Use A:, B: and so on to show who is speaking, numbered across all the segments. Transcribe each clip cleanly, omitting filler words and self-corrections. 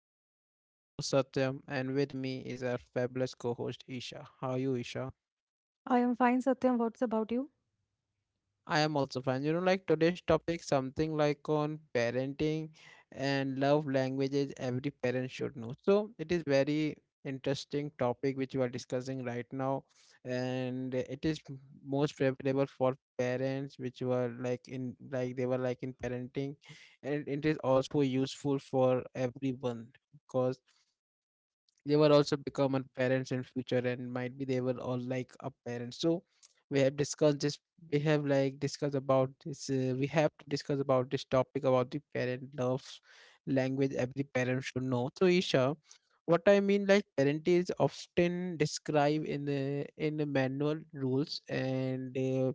A: everyone, I am your host Satyam and with me is our fabulous co-host Isha. How are you, Isha?
B: I am fine, Satyam. What's about you?
A: I am also fine. Like today's topic something like on parenting and love languages every parent should know. So it is very interesting topic which we are discussing right now, and it is most favorable for parents which were like in like they were like in parenting, and it is also useful for everyone because they were also become our parents in future, and might be they were all like our parents. So we have discussed this we have to discuss about this topic about the parent love language every parent should know. So, Isha, what I mean like parent is often described in the manual rules and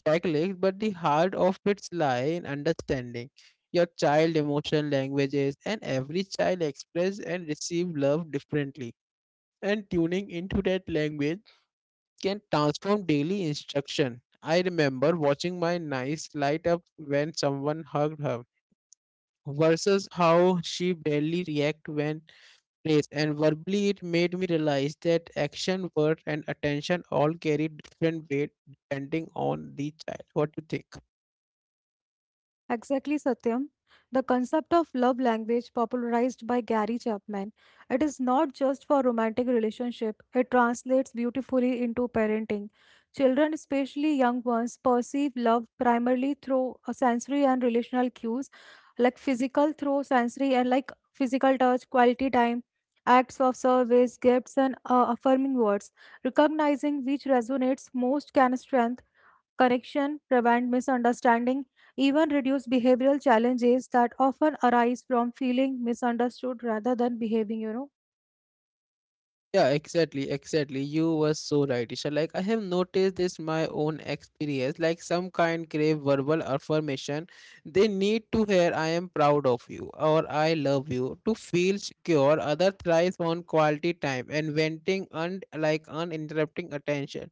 A: checklist, but the heart of its lie in understanding your child emotion languages, and every child express and receive love differently, and tuning into that language can transform daily instruction. I remember watching my niece light up when someone hugged her versus how she barely react when praised and verbally. It made me realize that action word and attention all carry different weight depending on the child. What do you think?
B: Exactly, Satyam. The concept of love language popularized by Gary Chapman. It is not just for romantic relationship. It translates beautifully into parenting. Children, especially young ones, perceive love primarily through sensory and relational cues, like physical through sensory and like physical touch, quality time, acts of service, gifts, and affirming words. Recognizing which resonates most can strengthen correction, prevent misunderstanding, even reduce behavioral challenges that often arise from feeling misunderstood rather than behaving, you know.
A: Yeah, exactly, exactly. You were so right, Isha. Like I have noticed this my own experience. Like some kind crave verbal affirmation. They need to hear I am proud of you or I love you to feel secure. Other thrives on quality time and venting and like uninterrupting attention.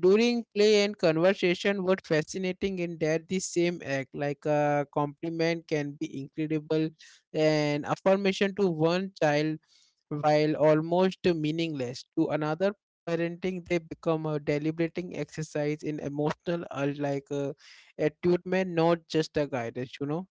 A: During play and conversation, what fascinating in that the same act, like a compliment can be incredible and affirmation to one child while almost meaningless to another, parenting they become a deliberating exercise in emotional like attunement, not just a guidance.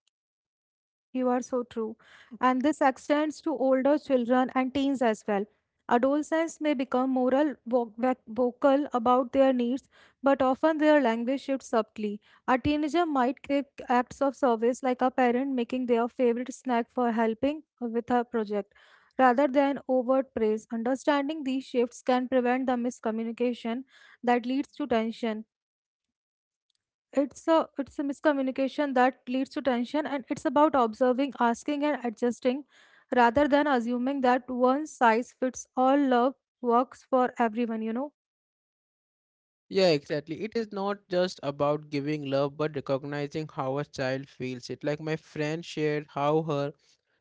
B: You are so true. And this extends to older children and teens as well. Adolescents may become moral vocal about their needs, but often their language shifts subtly. A teenager might crave acts of service, like a parent making their favorite snack for helping with a project, rather than overt praise. Understanding these shifts can prevent the miscommunication that leads to tension. It's a miscommunication that leads to tension, and it's about observing, asking, and adjusting rather than assuming that one size fits all love works for everyone.
A: Yeah, exactly. It is not just about giving love, but recognizing how a child feels it. Like my friend shared how her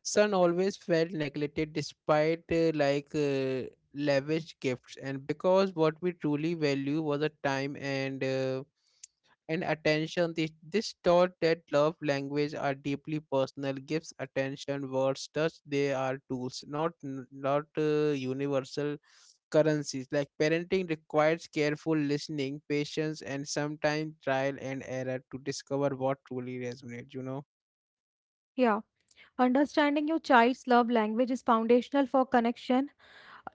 A: son always felt neglected despite like lavish gifts, and because what we truly value was a time and attention. This taught that love language are deeply personal. Gives attention, words, touch. They are tools, not universal currencies. Like parenting requires careful listening, patience, and sometimes trial and error to discover what truly resonates.
B: Yeah, understanding your child's love language is foundational for connection.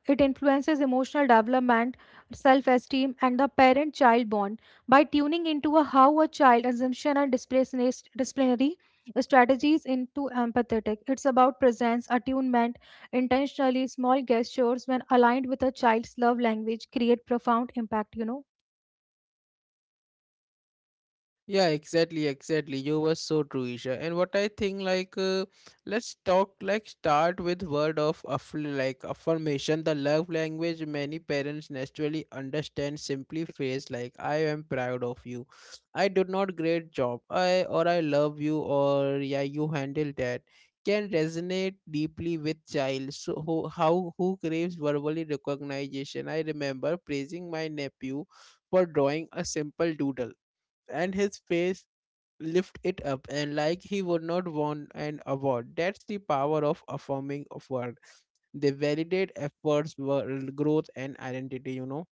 B: It influences emotional development, self esteem, and the parent child bond. By tuning into a how a child assumption and disciplinary strategies into empathetic, it's about presence, attunement, intentionally small gestures when aligned with a child's love language create profound impact.
A: Yeah, exactly, exactly. You were so true, Isha. And what I think, like, let's talk, like, start with word of like affirmation. The love language many parents naturally understand simply phrase like "I am proud of you," "I did not great job," "I," or "I love you," or "Yeah, you handled that," can resonate deeply with child. So how who craves verbally recognition? I remember praising my nephew for drawing a simple doodle, and his face lift it up, and like he would not want an award. That's the power of affirming of word. They validate efforts, world growth, and identity.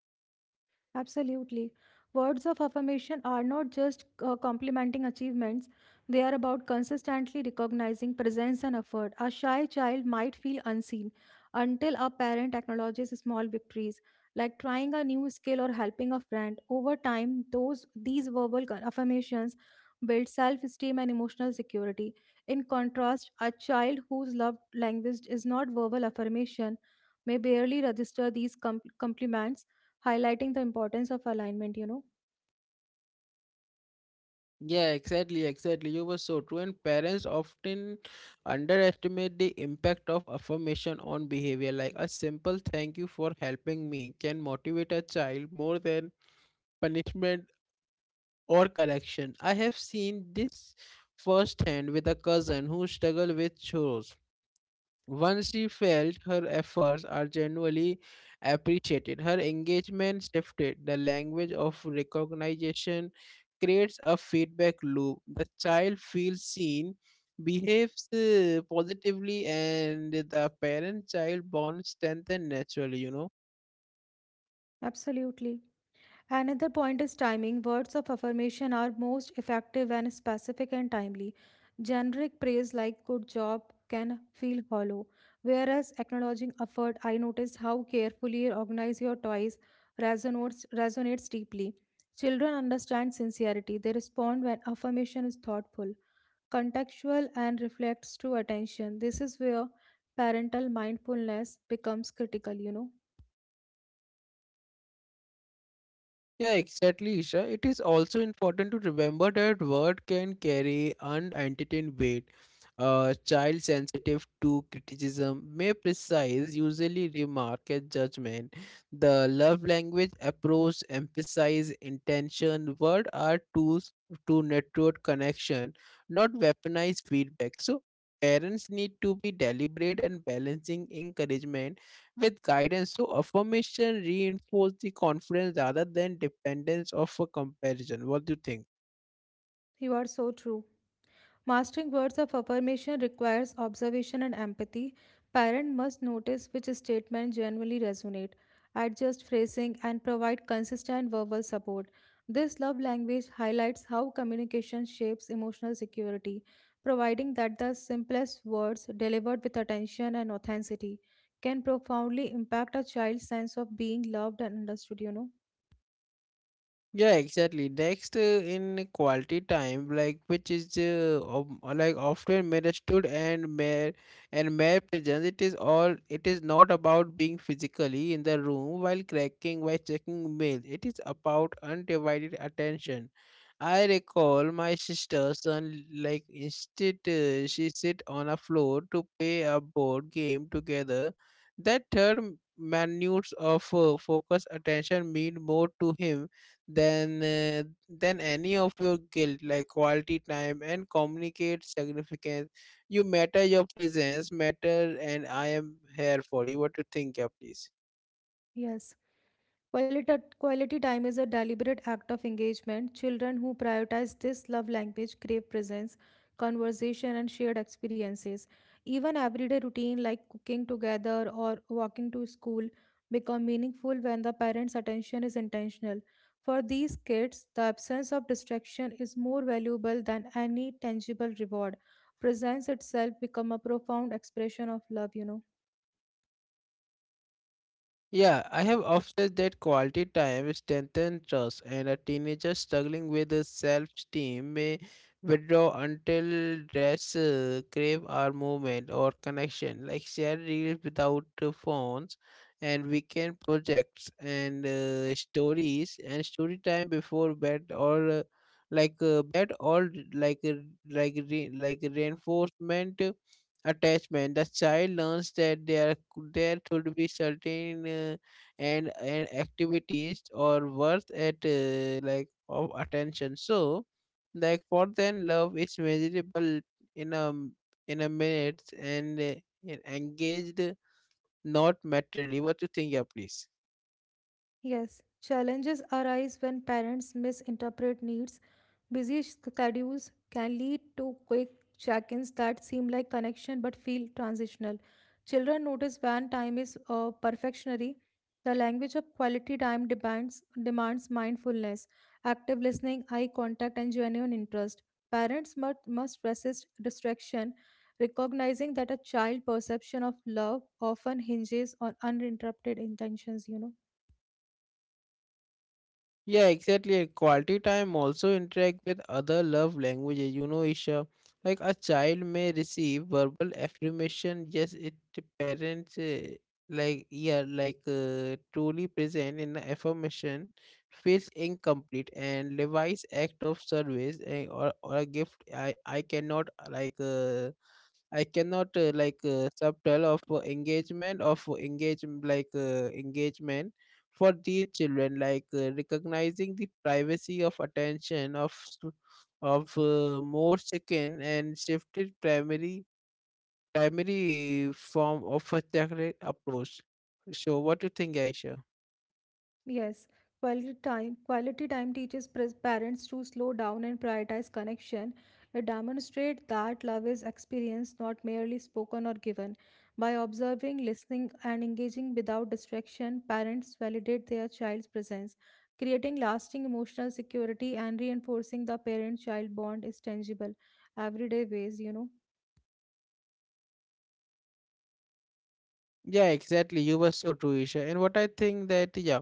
B: Absolutely. Words of affirmation are not just complimenting achievements, they are about consistently recognizing presence and effort. A shy child might feel unseen until a parent acknowledges small victories, like trying a new skill or helping a friend. Over time, those these verbal affirmations build self-esteem and emotional security. In contrast, a child whose love language is not verbal affirmation may barely register these compliments, highlighting the importance of alignment.
A: Yeah, exactly, exactly. You were so true. And parents often underestimate the impact of affirmation on behavior. Like a simple thank you for helping me can motivate a child more than punishment or correction. I have seen this firsthand with a cousin who struggled with chores. Once she felt her efforts are genuinely appreciated, her engagement shifted. The language of recognition creates a feedback loop. The child feels seen, behaves positively, and the parent child bond strengthens naturally.
B: Absolutely. Another point is timing. Words of affirmation are most effective when specific and timely. Generic praise like good job can feel hollow, whereas acknowledging effort, I noticed how carefully you organize your toys, resonates deeply. Children understand sincerity, they respond when affirmation is thoughtful, contextual, and reflects true attention. This is where parental mindfulness becomes critical, you know.
A: Yeah, exactly, Isha. It is also important to remember that word can carry unentertained weight. A child sensitive to criticism may precise, usually remark at judgment. The love language approach emphasize intention. Words are tools to network connection, not weaponize feedback. So parents need to be deliberate and balancing encouragement with guidance. So affirmation reinforce the confidence rather than dependence of a comparison. What do you think?
B: You are so true. Mastering words of affirmation requires observation and empathy. Parent must notice which statements genuinely resonate, adjust phrasing, and provide consistent verbal support. This love language highlights how communication shapes emotional security, providing that the simplest words delivered with attention and authenticity can profoundly impact a child's sense of being loved and understood.
A: Yeah, exactly. Next, in quality time, like which is like often misunderstood and mere presence. It is all. It is not about being physically in the room while cracking while checking mail. It is about undivided attention. I recall my sister's son like instead she sit on a floor to play a board game together. That third minutes of focus attention mean more to him than any of your guilt like quality time and communicate significance. You matter, your presence matter, and I am here for you. What to think? Yeah, please.
B: Yes. Quality, quality time is a deliberate act of engagement. Children who prioritize this love language crave presence, conversation, and shared experiences. Even everyday routine like cooking together or walking to school become meaningful when the parents' attention is intentional. For these kids, the absence of distraction is more valuable than any tangible reward. Presence itself become a profound expression of love.
A: Yeah, I have observed that quality time strengthens trust, and a teenager struggling with self esteem may withdraw until rest, crave our movement or connection, like shared reels without phones, and weekend projects and stories and story time before bed or like uh, bed or like uh, reinforcement attachment. The child learns that there there should be certain and activities or worth at like of attention. So, like for them, love is measurable in a minutes and engaged, not materially. What you think? Yeah, please.
B: Yes, challenges arise when parents misinterpret needs. Busy schedules can lead to quick check ins that seem like connection but feel transitional. Children notice when time is perfectionary. The language of quality time demands mindfulness, active listening, eye contact, and genuine interest. Parents must resist distraction, recognizing that a child perception of love often hinges on uninterrupted intentions.
A: Yeah, exactly. And quality time also interact with other love languages. Isha, like a child may receive verbal affirmation. Yes, it the parents like, yeah, like truly present in the affirmation feels incomplete, and Levi's act of service, or a gift. I cannot like subtle of engagement of engagement for these children, like recognizing the privacy of attention of more chicken and shifted primary form of a chocolate approach. So what do you think, Aisha?
B: Yes, quality time teaches parents to slow down and prioritize connection. It demonstrates that love is experienced, not merely spoken or given. By observing, listening, and engaging without distraction, parents validate their child's presence, creating lasting emotional security and reinforcing the parent-child bond is tangible, everyday ways.
A: Yeah, exactly. You were so true, Isha. And what I think that, yeah,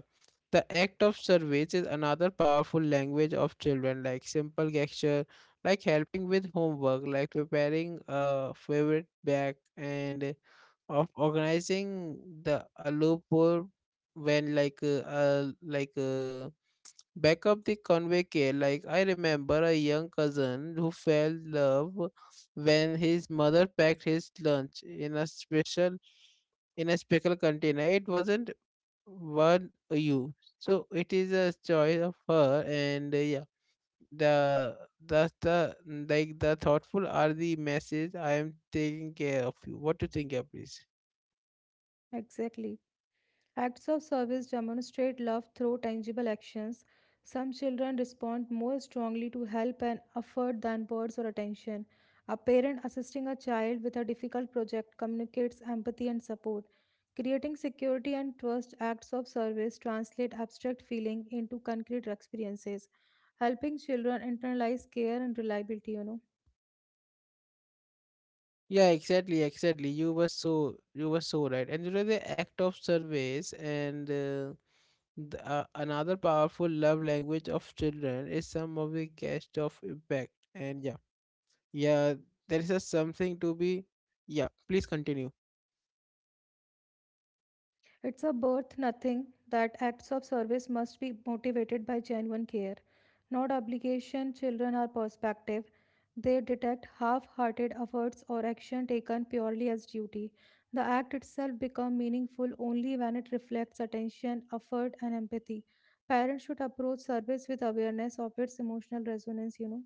A: the act of service is another powerful language of children, like simple gesture, like helping with homework, like preparing a favorite bag, and of organizing the a loophole when like back up the convey care. Like I remember a young cousin who fell in love when his mother packed his lunch in a special container. It wasn't what you. So it is a choice of her and yeah. The the the the thoughtful are the message I am taking care of you. What to think? Yeah, please.
B: Exactly. Acts of service demonstrate love through tangible actions. Some children respond more strongly to help and effort than words or attention. A parent assisting a child with a difficult project communicates empathy and support. Creating security and trust, acts of service translate abstract feeling into concrete experiences, helping children internalize care and reliability.
A: Yeah, exactly, exactly. You were so right. And the act of service and the, another powerful love language of children is some of the cast of impact. And yeah, yeah, there is a something to be. Yeah, please continue.
B: It's a birth nothing that acts of service must be motivated by genuine care, not obligation. Children are perspective. They detect half hearted efforts or action taken purely as duty. The act itself becomes meaningful only when it reflects attention, effort, and empathy. Parents should approach service with awareness of its emotional resonance.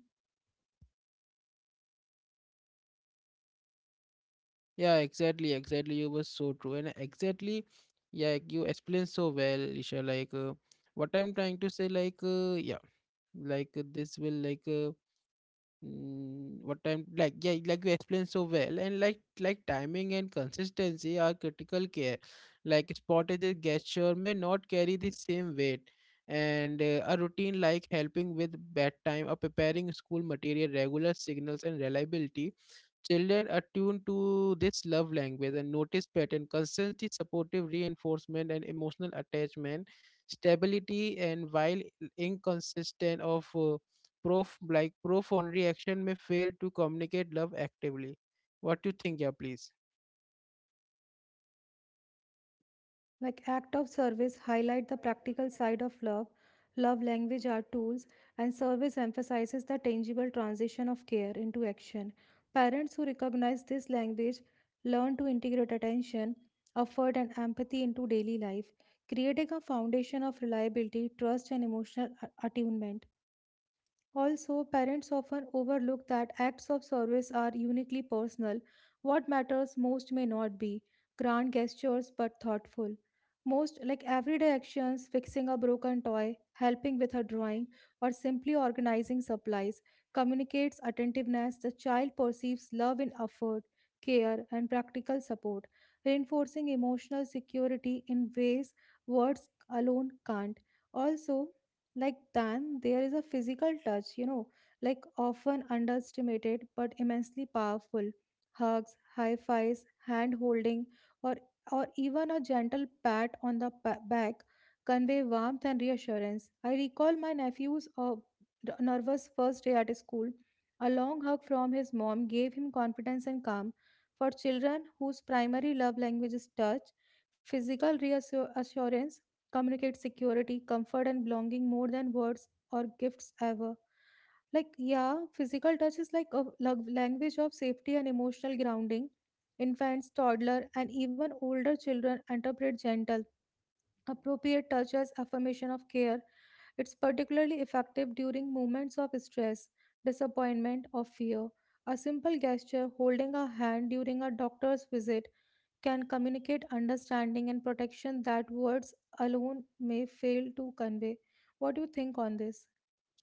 A: Yeah, exactly, exactly. You were so true, and exactly, yeah, you explained so well, Isha. Like, what I'm trying to say, like, yeah, like this will like. What time like yeah like you explained so well, and like timing and consistency are critical care, like spotted gesture may not carry the same weight, and a routine like helping with bedtime or preparing school material regular signals and reliability. Children attuned to this love language and notice pattern, consistency, supportive reinforcement, and emotional attachment, stability. And while inconsistent of prof like profound reaction may fail to communicate love actively. What do you think? Yeah, please.
B: Like act of service highlight the practical side of love. Love language are tools, and service emphasizes the tangible transition of care into action. Parents who recognize this language learn to integrate attention, effort, and empathy into daily life, creating a foundation of reliability, trust, and emotional attunement. Also, parents often overlook that acts of service are uniquely personal. What matters most may not be grand gestures but thoughtful. Most like everyday actions, fixing a broken toy, helping with a drawing, or simply organizing supplies, communicates attentiveness. The child perceives love in effort, care, and practical support, reinforcing emotional security in ways words alone can't. Also, like then, there is a physical touch, like often underestimated but immensely powerful. Hugs, high fives, hand holding, or or even a gentle pat on the back, convey warmth and reassurance. I recall my nephew's nervous first day at school. A long hug from his mom gave him confidence and calm. For children whose primary love language is touch, physical reassurance communicate security, comfort, and belonging more than words or gifts ever. Like, yeah, physical touch is like a language of safety and emotional grounding. Infants, toddler, and even older children interpret gentle, appropriate touch as affirmation of care. It's particularly effective during moments of stress, disappointment, or fear. A simple gesture, holding a hand during a doctor's visit, can communicate understanding and protection that words alone may fail to convey. What do you think on this?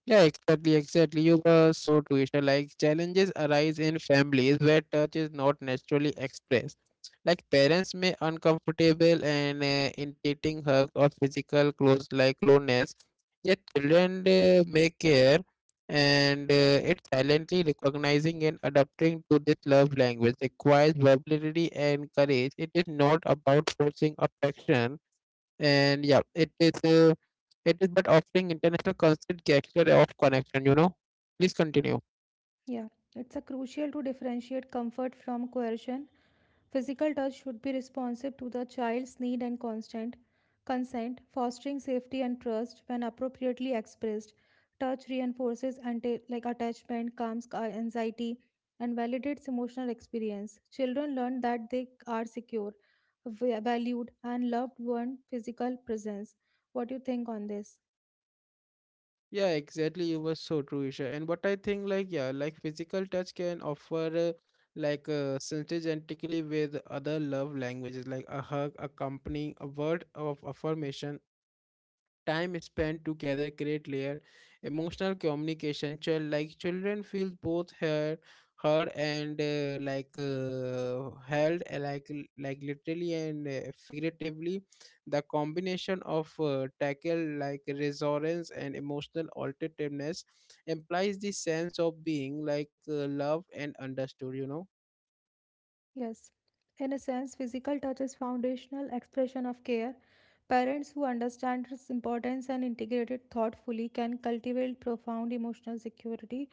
A: Yeah, exactly, exactly. You were so Twitter. Like challenges arise in families where touch is not naturally expressed. Like parents may uncomfortable and intimidating hug or physical close like closeness, yet children may care, and it silently recognizing and adapting to this love language requires vulnerability and courage. It is not about forcing affection. And yeah, it is but offering international constant gesture of connection. Please continue.
B: Yeah, it's a crucial to differentiate comfort from coercion. Physical touch should be responsive to the child's need and constant consent, fostering safety and trust when appropriately expressed. Touch reinforces like attachment, calms anxiety, and validates emotional experience. Children learn that they are secure, valued, and loved when physical presence. What do you think on this?
A: Yeah, exactly. You were so true, Isha. And what I think, like, yeah, like physical touch can offer, like, synergistically with other love languages, like a hug, a company, a word of affirmation, time spent together create layer emotional communication child like children feel both heard and like held like literally and figuratively. The combination of tackle like resonance and emotional alternativeness implies the sense of being like loved and understood.
B: Yes, in a sense, physical touch is foundational expression of care. Parents who understand its importance and integrate it thoughtfully can cultivate profound emotional security,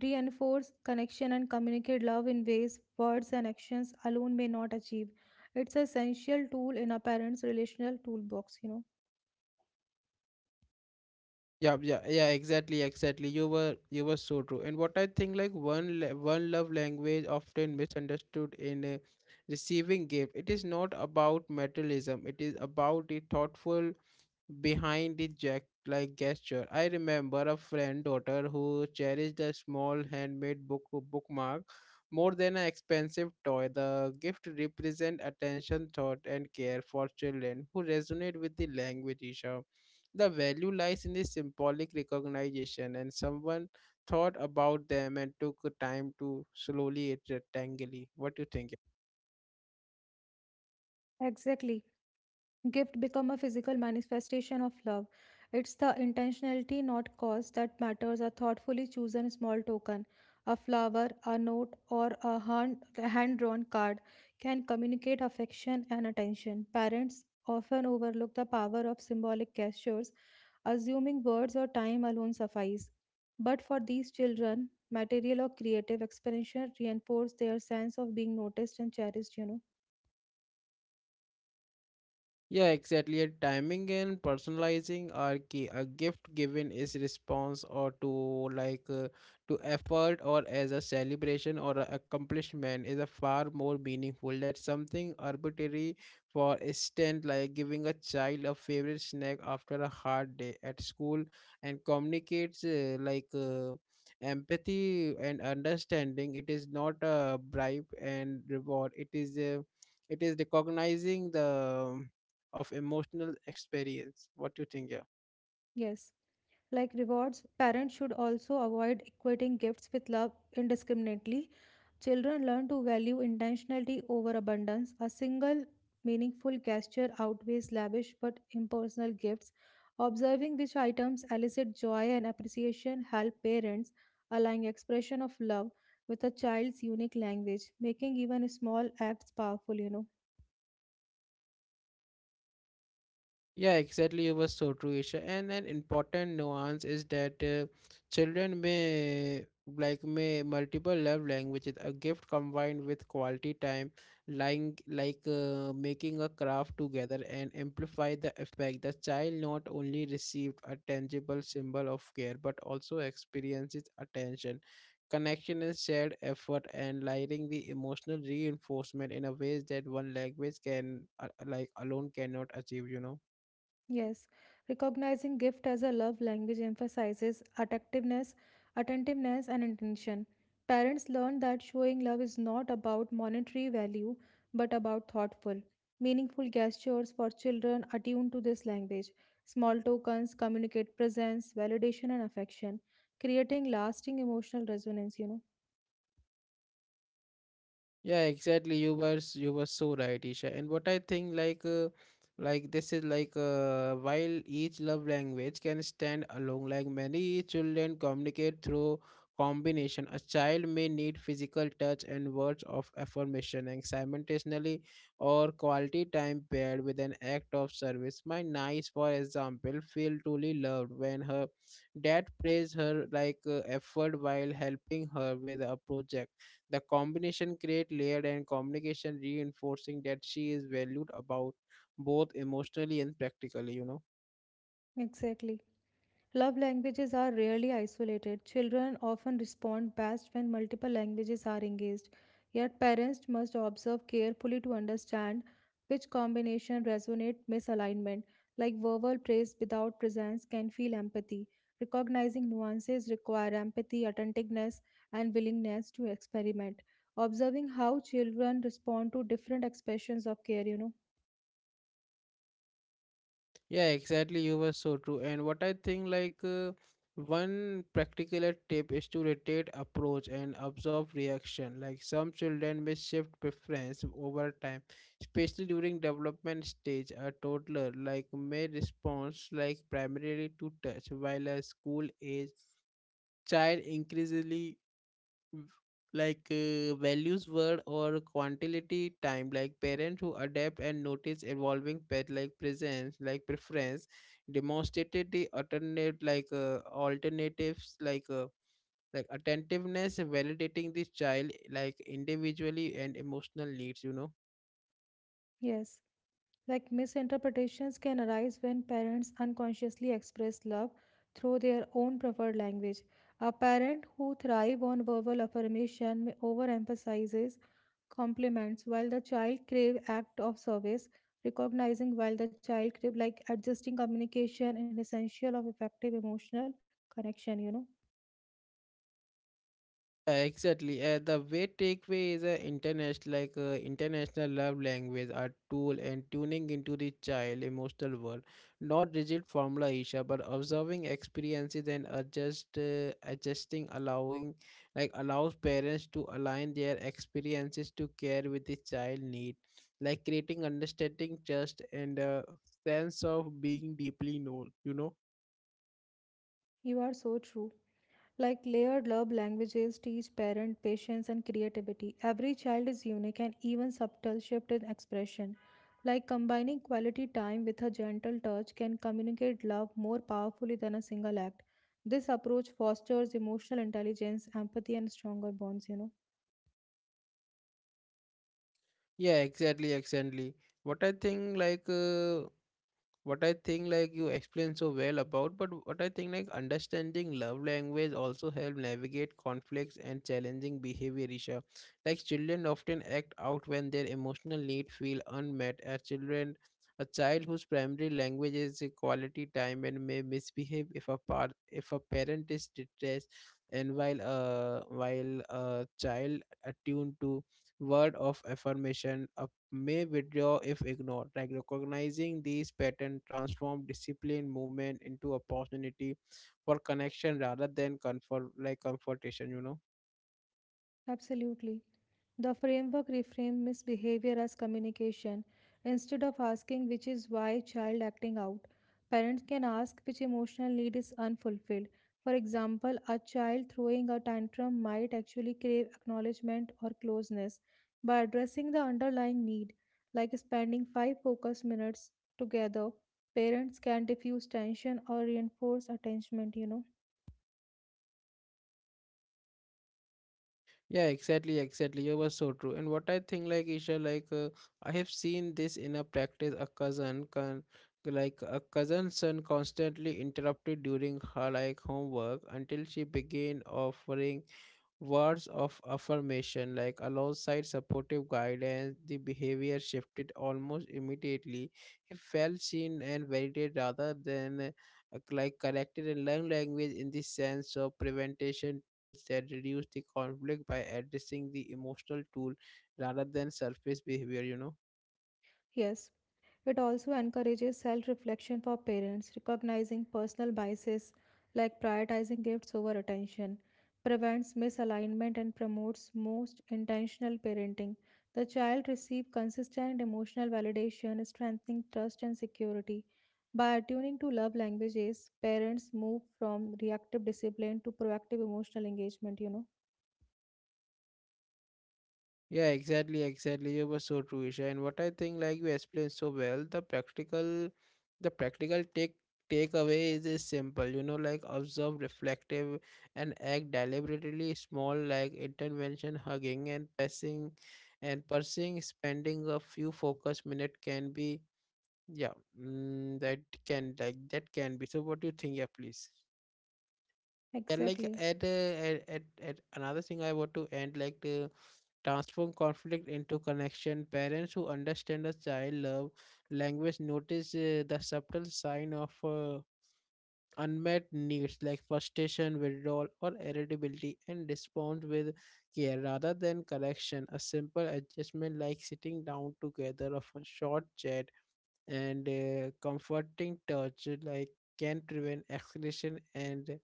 B: reinforce connection, and communicate love in ways words and actions alone may not achieve. It's an essential tool in a parent's relational toolbox.
A: Yeah, yeah, yeah, exactly, exactly. You were so true. And what I think like one love language often misunderstood in a receiving gift. It is not about materialism. It is about the thoughtful behind the jack like gesture. I remember a friend daughter who cherished a small handmade bookmark more than an expensive toy. The gift represent attention, thought and care for children who resonate with the language issue. The value lies in the symbolic recognition and someone thought about them and took time to slowly it rectangly. What do you think?
B: Exactly. Gift become a physical manifestation of love. It's the intentionality, not cause, that matters. A thoughtfully chosen small token, a flower, a note, or a hand drawn card can communicate affection and attention. Parents often overlook the power of symbolic gestures, assuming words or time alone suffice. But for these children, material or creative expression reinforce their sense of being noticed and cherished.
A: Yeah, exactly. And timing and personalizing are key. A gift given is response or to like to effort or as a celebration or a accomplishment is a far more meaningful than something arbitrary. For instance, like giving a child a favorite snack after a hard day at school and communicates empathy and understanding. It is not a bribe and reward. It is a it is recognizing the of emotional experience. What do you think? Yeah.
B: Yes. Like rewards, parents should also avoid equating gifts with love indiscriminately. Children learn to value intentionality over abundance. A single meaningful gesture outweighs lavish but impersonal gifts. Observing which items elicit joy and appreciation help parents align expression of love with a child's unique language, making even small acts powerful.
A: Yeah, exactly. It was so true, Isha. And an important nuance is that children may may multiple love languages. A gift combined with quality time, lying making a craft together and amplify the effect. The child not only received a tangible symbol of care, but also experiences attention, connection, and shared effort, and lighting the emotional reinforcement in a ways that one language can alone cannot achieve. You know.
B: Yes, recognizing gift as a love language emphasizes attentiveness and intention. Parents learn that showing love is not about monetary value but about thoughtful, meaningful gestures for children attuned to this language. Small tokens communicate presence, validation and affection, creating lasting emotional resonance.
A: Yeah, exactly. You were so right, Isha. And what I think, while each love language can stand alone, like many children communicate through combination. A child may need physical touch and words of affirmation, and simultaneously, or quality time paired with an act of service. My niece, for example, feel truly loved when her dad praised her effort while helping her with a project the combination create layered and communication reinforcing that she is valued about both emotionally and practically, you know.
B: Exactly. Love languages are rarely isolated. Children often respond best when multiple languages are engaged. Yet parents must observe carefully to understand which combination resonate misalignment. Like verbal praise without presence can feel empathy. Recognizing nuances require empathy, attentiveness, and willingness to experiment. Observing how children respond to different expressions of care.
A: Yeah, exactly. You were so true. And what I think one practical tip is to rotate approach and observe reaction. Like some children may shift preference over time, especially during development stage. A toddler may response like primarily to touch, while a school age child increasingly values word or quantity time like parents who adapt and notice evolving pet presence like preference demonstrated the alternate like alternatives like attentiveness validating this child like individually and emotional needs, you know.
B: Yes. Like misinterpretations can arise when parents unconsciously express love through their own preferred language. A parent who thrives on verbal affirmation may overemphasizes compliments while the child crave act of service, recognizing while the child crave like adjusting communication and essential of effective emotional connection.
A: Exactly. The way takeaway is a international, international love language, a tool and tuning into the child emotional world. Not rigid formula, Isha, but observing experiences and adjusting, allowing, allows parents to align their experiences to care with the child need, like creating understanding, trust, and a sense of being deeply known. You know.
B: You are so true. Like layered love languages teach parent patience and creativity. Every child is unique and even subtle shift in expression. Like combining quality time with a gentle touch can communicate love more powerfully than a single act. This approach fosters emotional intelligence, empathy, and stronger bonds.
A: Yeah, exactly, exactly. What I think, like. What I think like you explained so well about, but what I think like understanding love language also help navigate conflicts and challenging behavior, Isha. Like children often act out when their emotional need feel unmet. As children, a child whose primary language is a quality time and may misbehave if a parent is distressed, and while a child attuned to word of affirmation, a may withdraw if ignored. Like recognizing these patterns transform discipline movement into opportunity for connection rather than comfort like confrontation, you know.
B: Absolutely. The framework reframed misbehavior as communication. Instead of asking which is why child acting out, parents can ask which emotional need is unfulfilled. For example, a child throwing a tantrum might actually crave acknowledgement or closeness. By addressing the underlying need, like spending 5 focus minutes together, parents can diffuse tension or reinforce attachment.
A: Yeah, exactly, exactly. You were so true. And what I think, like Isha, I have seen this in a practice. A cousin son, constantly interrupted during her like homework until she began offering words of affirmation like alongside supportive guidance the behavior shifted almost immediately it felt seen and validated rather than corrected in learned language in the sense of prevention tools that reduce the conflict by addressing the emotional tool rather than surface behavior, you know.
B: Yes. It also encourages self reflection for parents, recognizing personal biases like prioritizing gifts over attention, prevents misalignment, and promotes most intentional parenting. The child receives consistent emotional validation, strengthening trust and security. By attuning to love languages, parents move from reactive discipline to proactive emotional engagement.
A: Yeah, exactly, exactly. You were so true, Isha. And what I think, like you explained so well, the practical takeaway is simple. You know, like observe, reflective, and act deliberately. Small like intervention, hugging, and passing, and pursuing, spending a few focus minute can be, yeah, that can like that can be. So, what do you think? Yeah, please. Yeah, like
B: Exactly.
A: at another thing I want to end like to transform conflict into connection. Parents who understand a child love language notice the subtle sign of unmet needs like frustration, withdrawal, or irritability, and respond with care rather than correction. A simple adjustment like sitting down together of a short chat and comforting touch like can prevent escalation and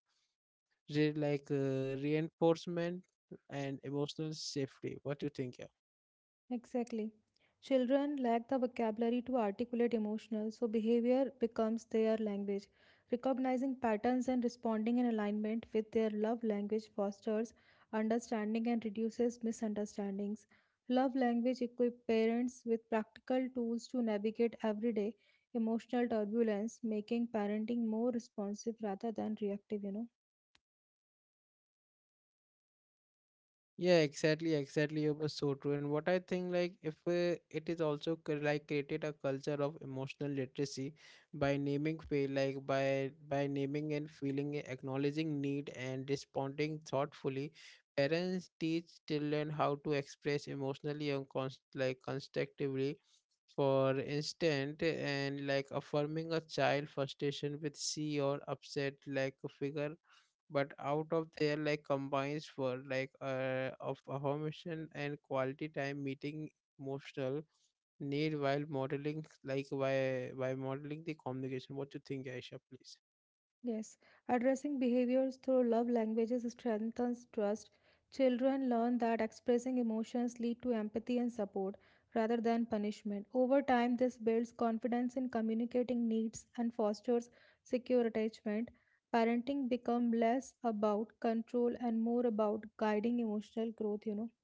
A: reinforcement and emotional safety. What do you think? Yeah?
B: Exactly. Children lack the vocabulary to articulate emotional, so behavior becomes their language. Recognizing patterns and responding in alignment with their love language fosters understanding and reduces misunderstandings. Love language equip parents with practical tools to navigate everyday emotional turbulence, making parenting more responsive rather than reactive,
A: Yeah, exactly, exactly. It was so true. And what I think, like, if it is also created a culture of emotional literacy by naming feel, by naming and feeling, acknowledging need, and responding thoughtfully. Parents teach children how to express emotionally and constructively. For instance, and like affirming a child frustration with see or upset like a figure but out of there like combines for of affirmation and quality time meeting emotional need while modeling like why by modeling the communication. What you think, Aisha, please?
B: Yes, addressing behaviors through love languages strengthens trust. Children learn that expressing emotions lead to empathy and support rather than punishment. Over time, this builds confidence in communicating needs and fosters secure attachment. Parenting becomes less about control and more about guiding emotional growth,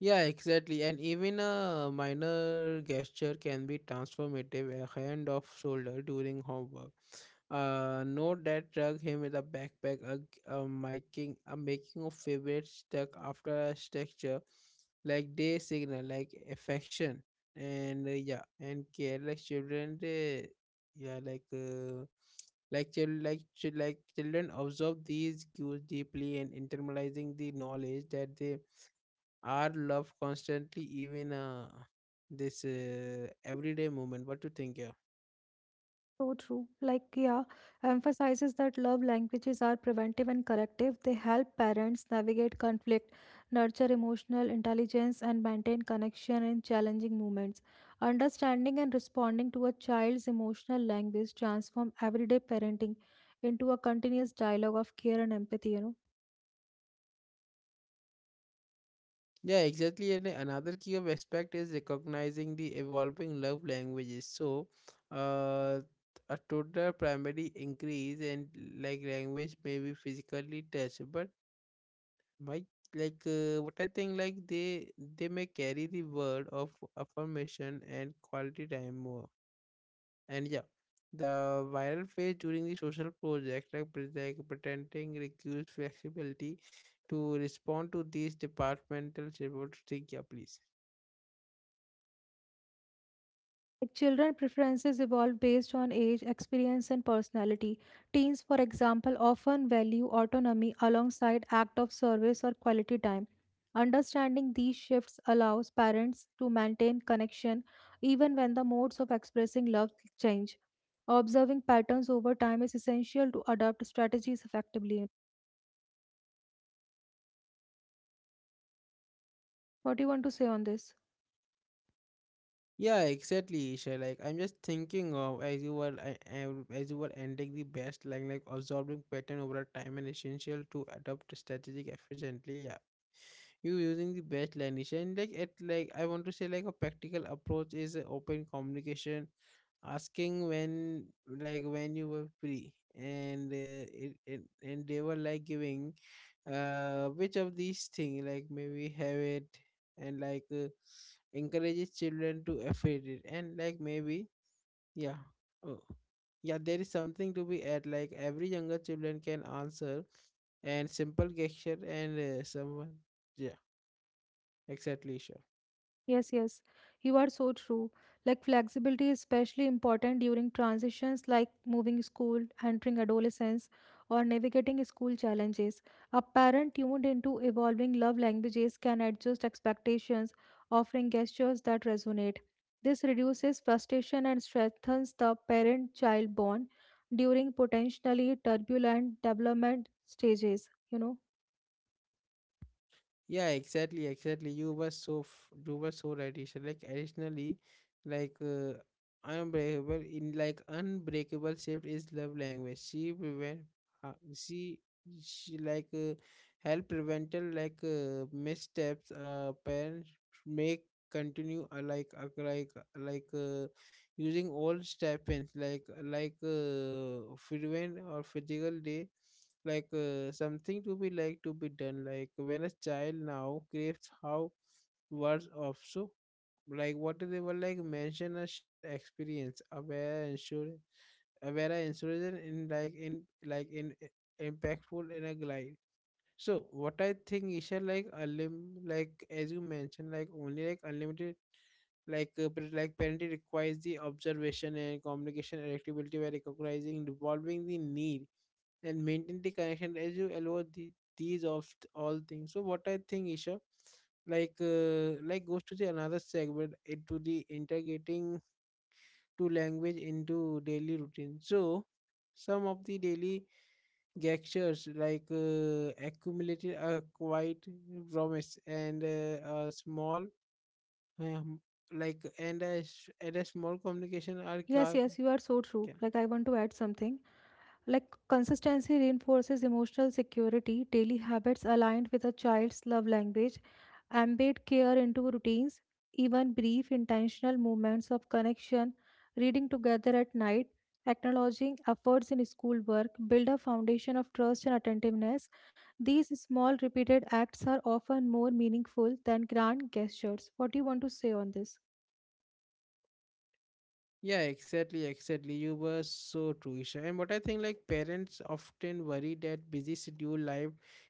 A: Yeah, exactly. And even a minor gesture can be transformative. A hand off shoulder during homework. Note that drug him with a backpack, a, g- a making of favorite stuck after a structure, like day signal, like affection, and and care like children. They, yeah, like children, like chil- like children absorb these cues deeply and internalizing the knowledge that they our love constantly even this everyday moment. What do you think? Yeah.
B: So true. Like, yeah, emphasizes that love languages are preventive and corrective. They help parents navigate conflict, nurture emotional intelligence, and maintain connection in challenging moments. Understanding and responding to a child's emotional language transform everyday parenting into a continuous dialogue of care and empathy,
A: Yeah, exactly, and another key of aspect is recognizing the evolving love languages. So uh, a total primary increase and like language may be physically touch but my what I think like they may carry the word of affirmation and quality time more. And yeah, the viral phase during the social project, like, pretending requires flexibility to respond to these departmental reports. Think, yeah, please.
B: Like children preferences evolve based on age, experience, and personality. Teens, for example, often value autonomy alongside act of service or quality time. Understanding these shifts allows parents to maintain connection even when the modes of expressing love change. Observing patterns over time is essential to adopt strategies effectively. What do you want to say on this?
A: Yeah, exactly, Isha. Like I'm just thinking of as you were as you were ending the best, like absorbing pattern over a time and essential to adopt strategic efficiently. Yeah, you using the best language and like it like I want to say like a practical approach is a open communication, asking when you were free and it and they were like giving which of these thing like maybe have it and encourages children to afford it and like maybe, yeah. Oh, yeah, there is something to be at like every younger children can answer and simple gesture and someone. Yeah. Exactly, sure.
B: Yes, yes, you are so true. Like flexibility is especially important during transitions like moving school, entering adolescence, or navigating school challenges. A parent tuned into evolving love languages can adjust expectations, offering gestures that resonate. This reduces frustration and strengthens the parent child bond during potentially turbulent development stages. You know,
A: Yeah, exactly, exactly. You were so right, Isha. Like additionally, like uh, unbreakable in like unbreakable shift is love language. She prevent, uh, she she like help prevental missteps. Parents make continue using all stipends prevent or physical day. Like something to be to be done like when a child now craves how words of so like what they were like mention a shared experience aware ensure aware insurgent in impactful in a glide. So what I think, Isha, like a lim like as you mentioned like only like unlimited parenting requires the observation and communication adaptability by recognizing and evolving the need and maintain the connection as you allow the, these of all things. So what I think, Isha, like goes to the another segment into the integrating to language into daily routine. So some of the daily gestures accumulated a quiet promise and a small um, and a, and a small communication are
B: yes,
A: ca-
B: yes, you are so true. Like, I want to add something. Like consistency reinforces emotional security, daily habits aligned with a child's love language, embed care into routines, even brief intentional moments of connection, reading together at night, acknowledging efforts in schoolwork, build a foundation of trust and attentiveness. These small repeated acts are often more meaningful than grand gestures. What do you want to say on this?
A: Yeah, exactly, exactly. You were so true, Isha. And what I think, like parents often worry that busy schedule life,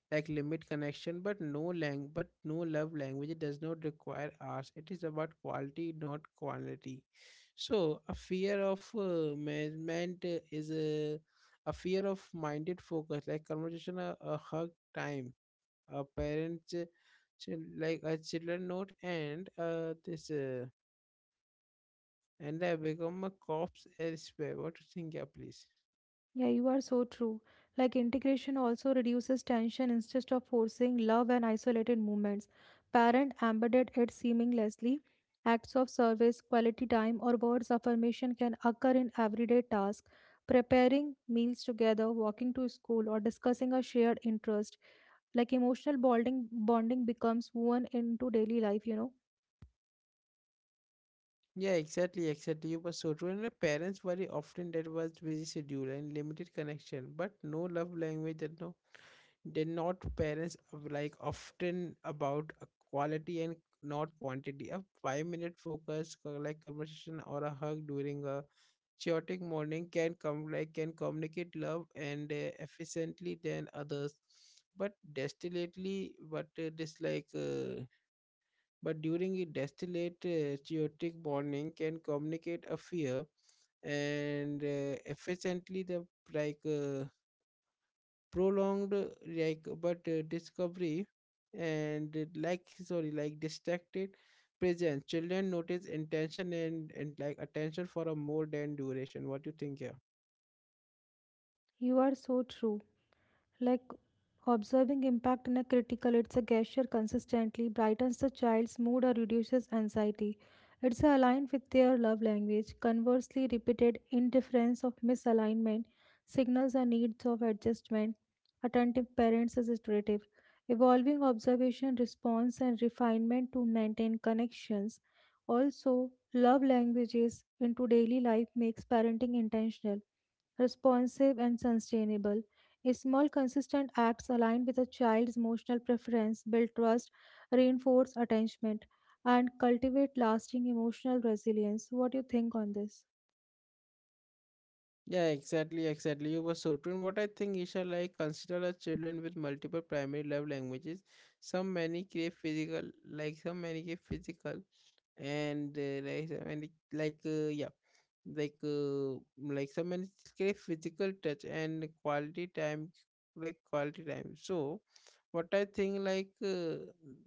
A: like limit connection, but but no love language. It does not require hours. It is about quality, not quantity. So a fear of management is a fear of minded focus, like conversation, a hug time, a parent, uh, a children note, and this. And I become a cops elsewhere. What do you think, yeah, please?
B: Yeah, you are so true. Like integration also reduces tension instead of forcing love and isolated movements. Parent embedded it seamlessly. Acts of service, quality time, or words of affirmation can occur in everyday tasks. Preparing meals together, walking to school, or discussing a shared interest. Like emotional bonding becomes woven into daily life,
A: Yeah, exactly, exactly. You were so true. And my parents worry often that was busy schedule and limited connection, but no love language that no they're not parents of like often about a quality and not quantity. A 5 minute focus conversation or a hug during a chaotic morning can come like can communicate love and efficiently than others. But destillately, but dislike but during a distillate, chaotic morning can communicate a fear and efficiently the like uh, prolonged like but discovery and sorry like distracted presence children notice intention and like attention for a more than duration. What do you think here?
B: You are so true. Like observing impact in a critical, it's a gesture consistently brightens the child's mood or reduces anxiety. It's aligned with their love language. Conversely, repeated indifference of misalignment signals a needs of adjustment. Attentive parents is iterative. Evolving observation, response, and refinement to maintain connections. Also, love languages into daily life makes parenting intentional responsive, and sustainable. A small, consistent acts aligned with a child's emotional preference build trust, reinforce attachment, and cultivate lasting emotional resilience. What do you think on this?
A: Yeah, exactly, exactly. You were so true. And what I think, Isha, like consider as children with multiple primary love languages. Some many crave physical, some many crave physical, and like some many like yeah, like some many crave physical touch and quality time, quality time. So, what I think, like uh,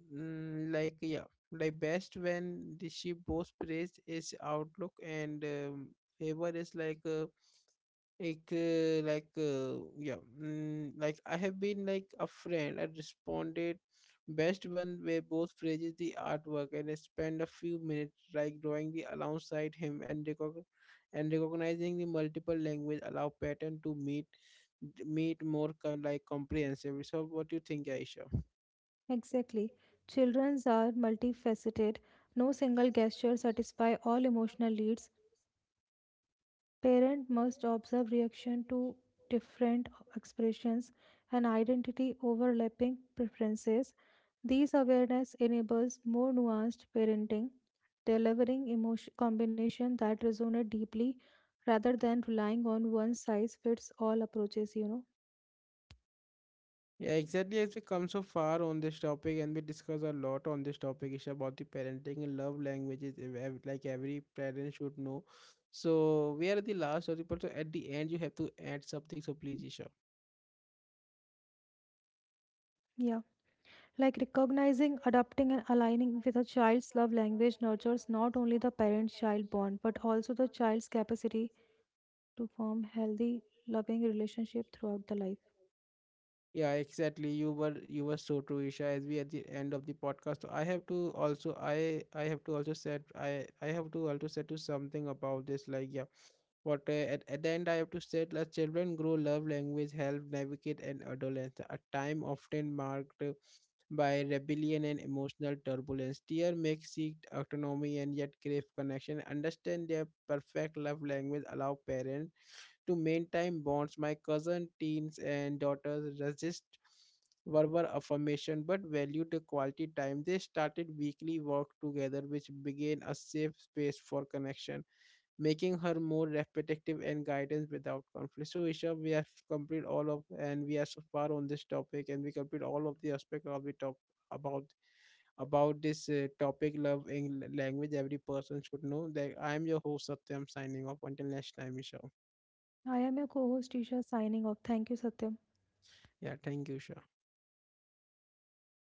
A: mm, like yeah, like best when the she both praised is outlook and favor is like. I have been like a friend I responded best one where both praises the artwork and I spend a few minutes like drawing the alongside him and and recognizing the multiple language allow pattern to meet more comprehensively. So what do you think, Aisha?
B: Exactly. Children are multifaceted. No single gesture satisfy all emotional needs. Parent must observe reaction to different expressions and identity overlapping preferences. These awareness enables more nuanced parenting, delivering emotion combination that resonate deeply rather than relying on one size fits all approaches,
A: Yeah, exactly. As we come so far on this topic, and we discuss a lot on this topic, Isha, about the parenting and love languages, every parent should know. So we are at the last topic, but so at the end, you have to add something. So please, Isha.
B: Yeah. Like recognizing, adapting, and aligning with a child's love language nurtures not only the parent child bond but also the child's capacity to form healthy, loving relationship throughout the life.
A: Yeah, exactly. You were so true, Isha. As we at the end of the podcast. So, I have to also I have to also said I have to also say to something about this. Like yeah, what at the end I have to say, let children grow love language, help navigate and adolescence, a time often marked by rebellion and emotional turbulence. Dear make seek autonomy and yet crave connection. Understand their perfect love language. Allow parents to maintain bonds. My cousin, teens, and daughters resist verbal affirmation but valued the quality time. They started weekly work together, which began a safe space for connection, making her more repetitive and guidance without conflict. So, Isha, we have complete all of, and we are so far on this topic, and we complete all of the aspect of the top about about this topic love in language every person should know. That I am your host Satyam signing off until next time, Isha.
B: I am a co-host Tisha signing off, thank you Satya.
A: Yeah, thank you, Isha.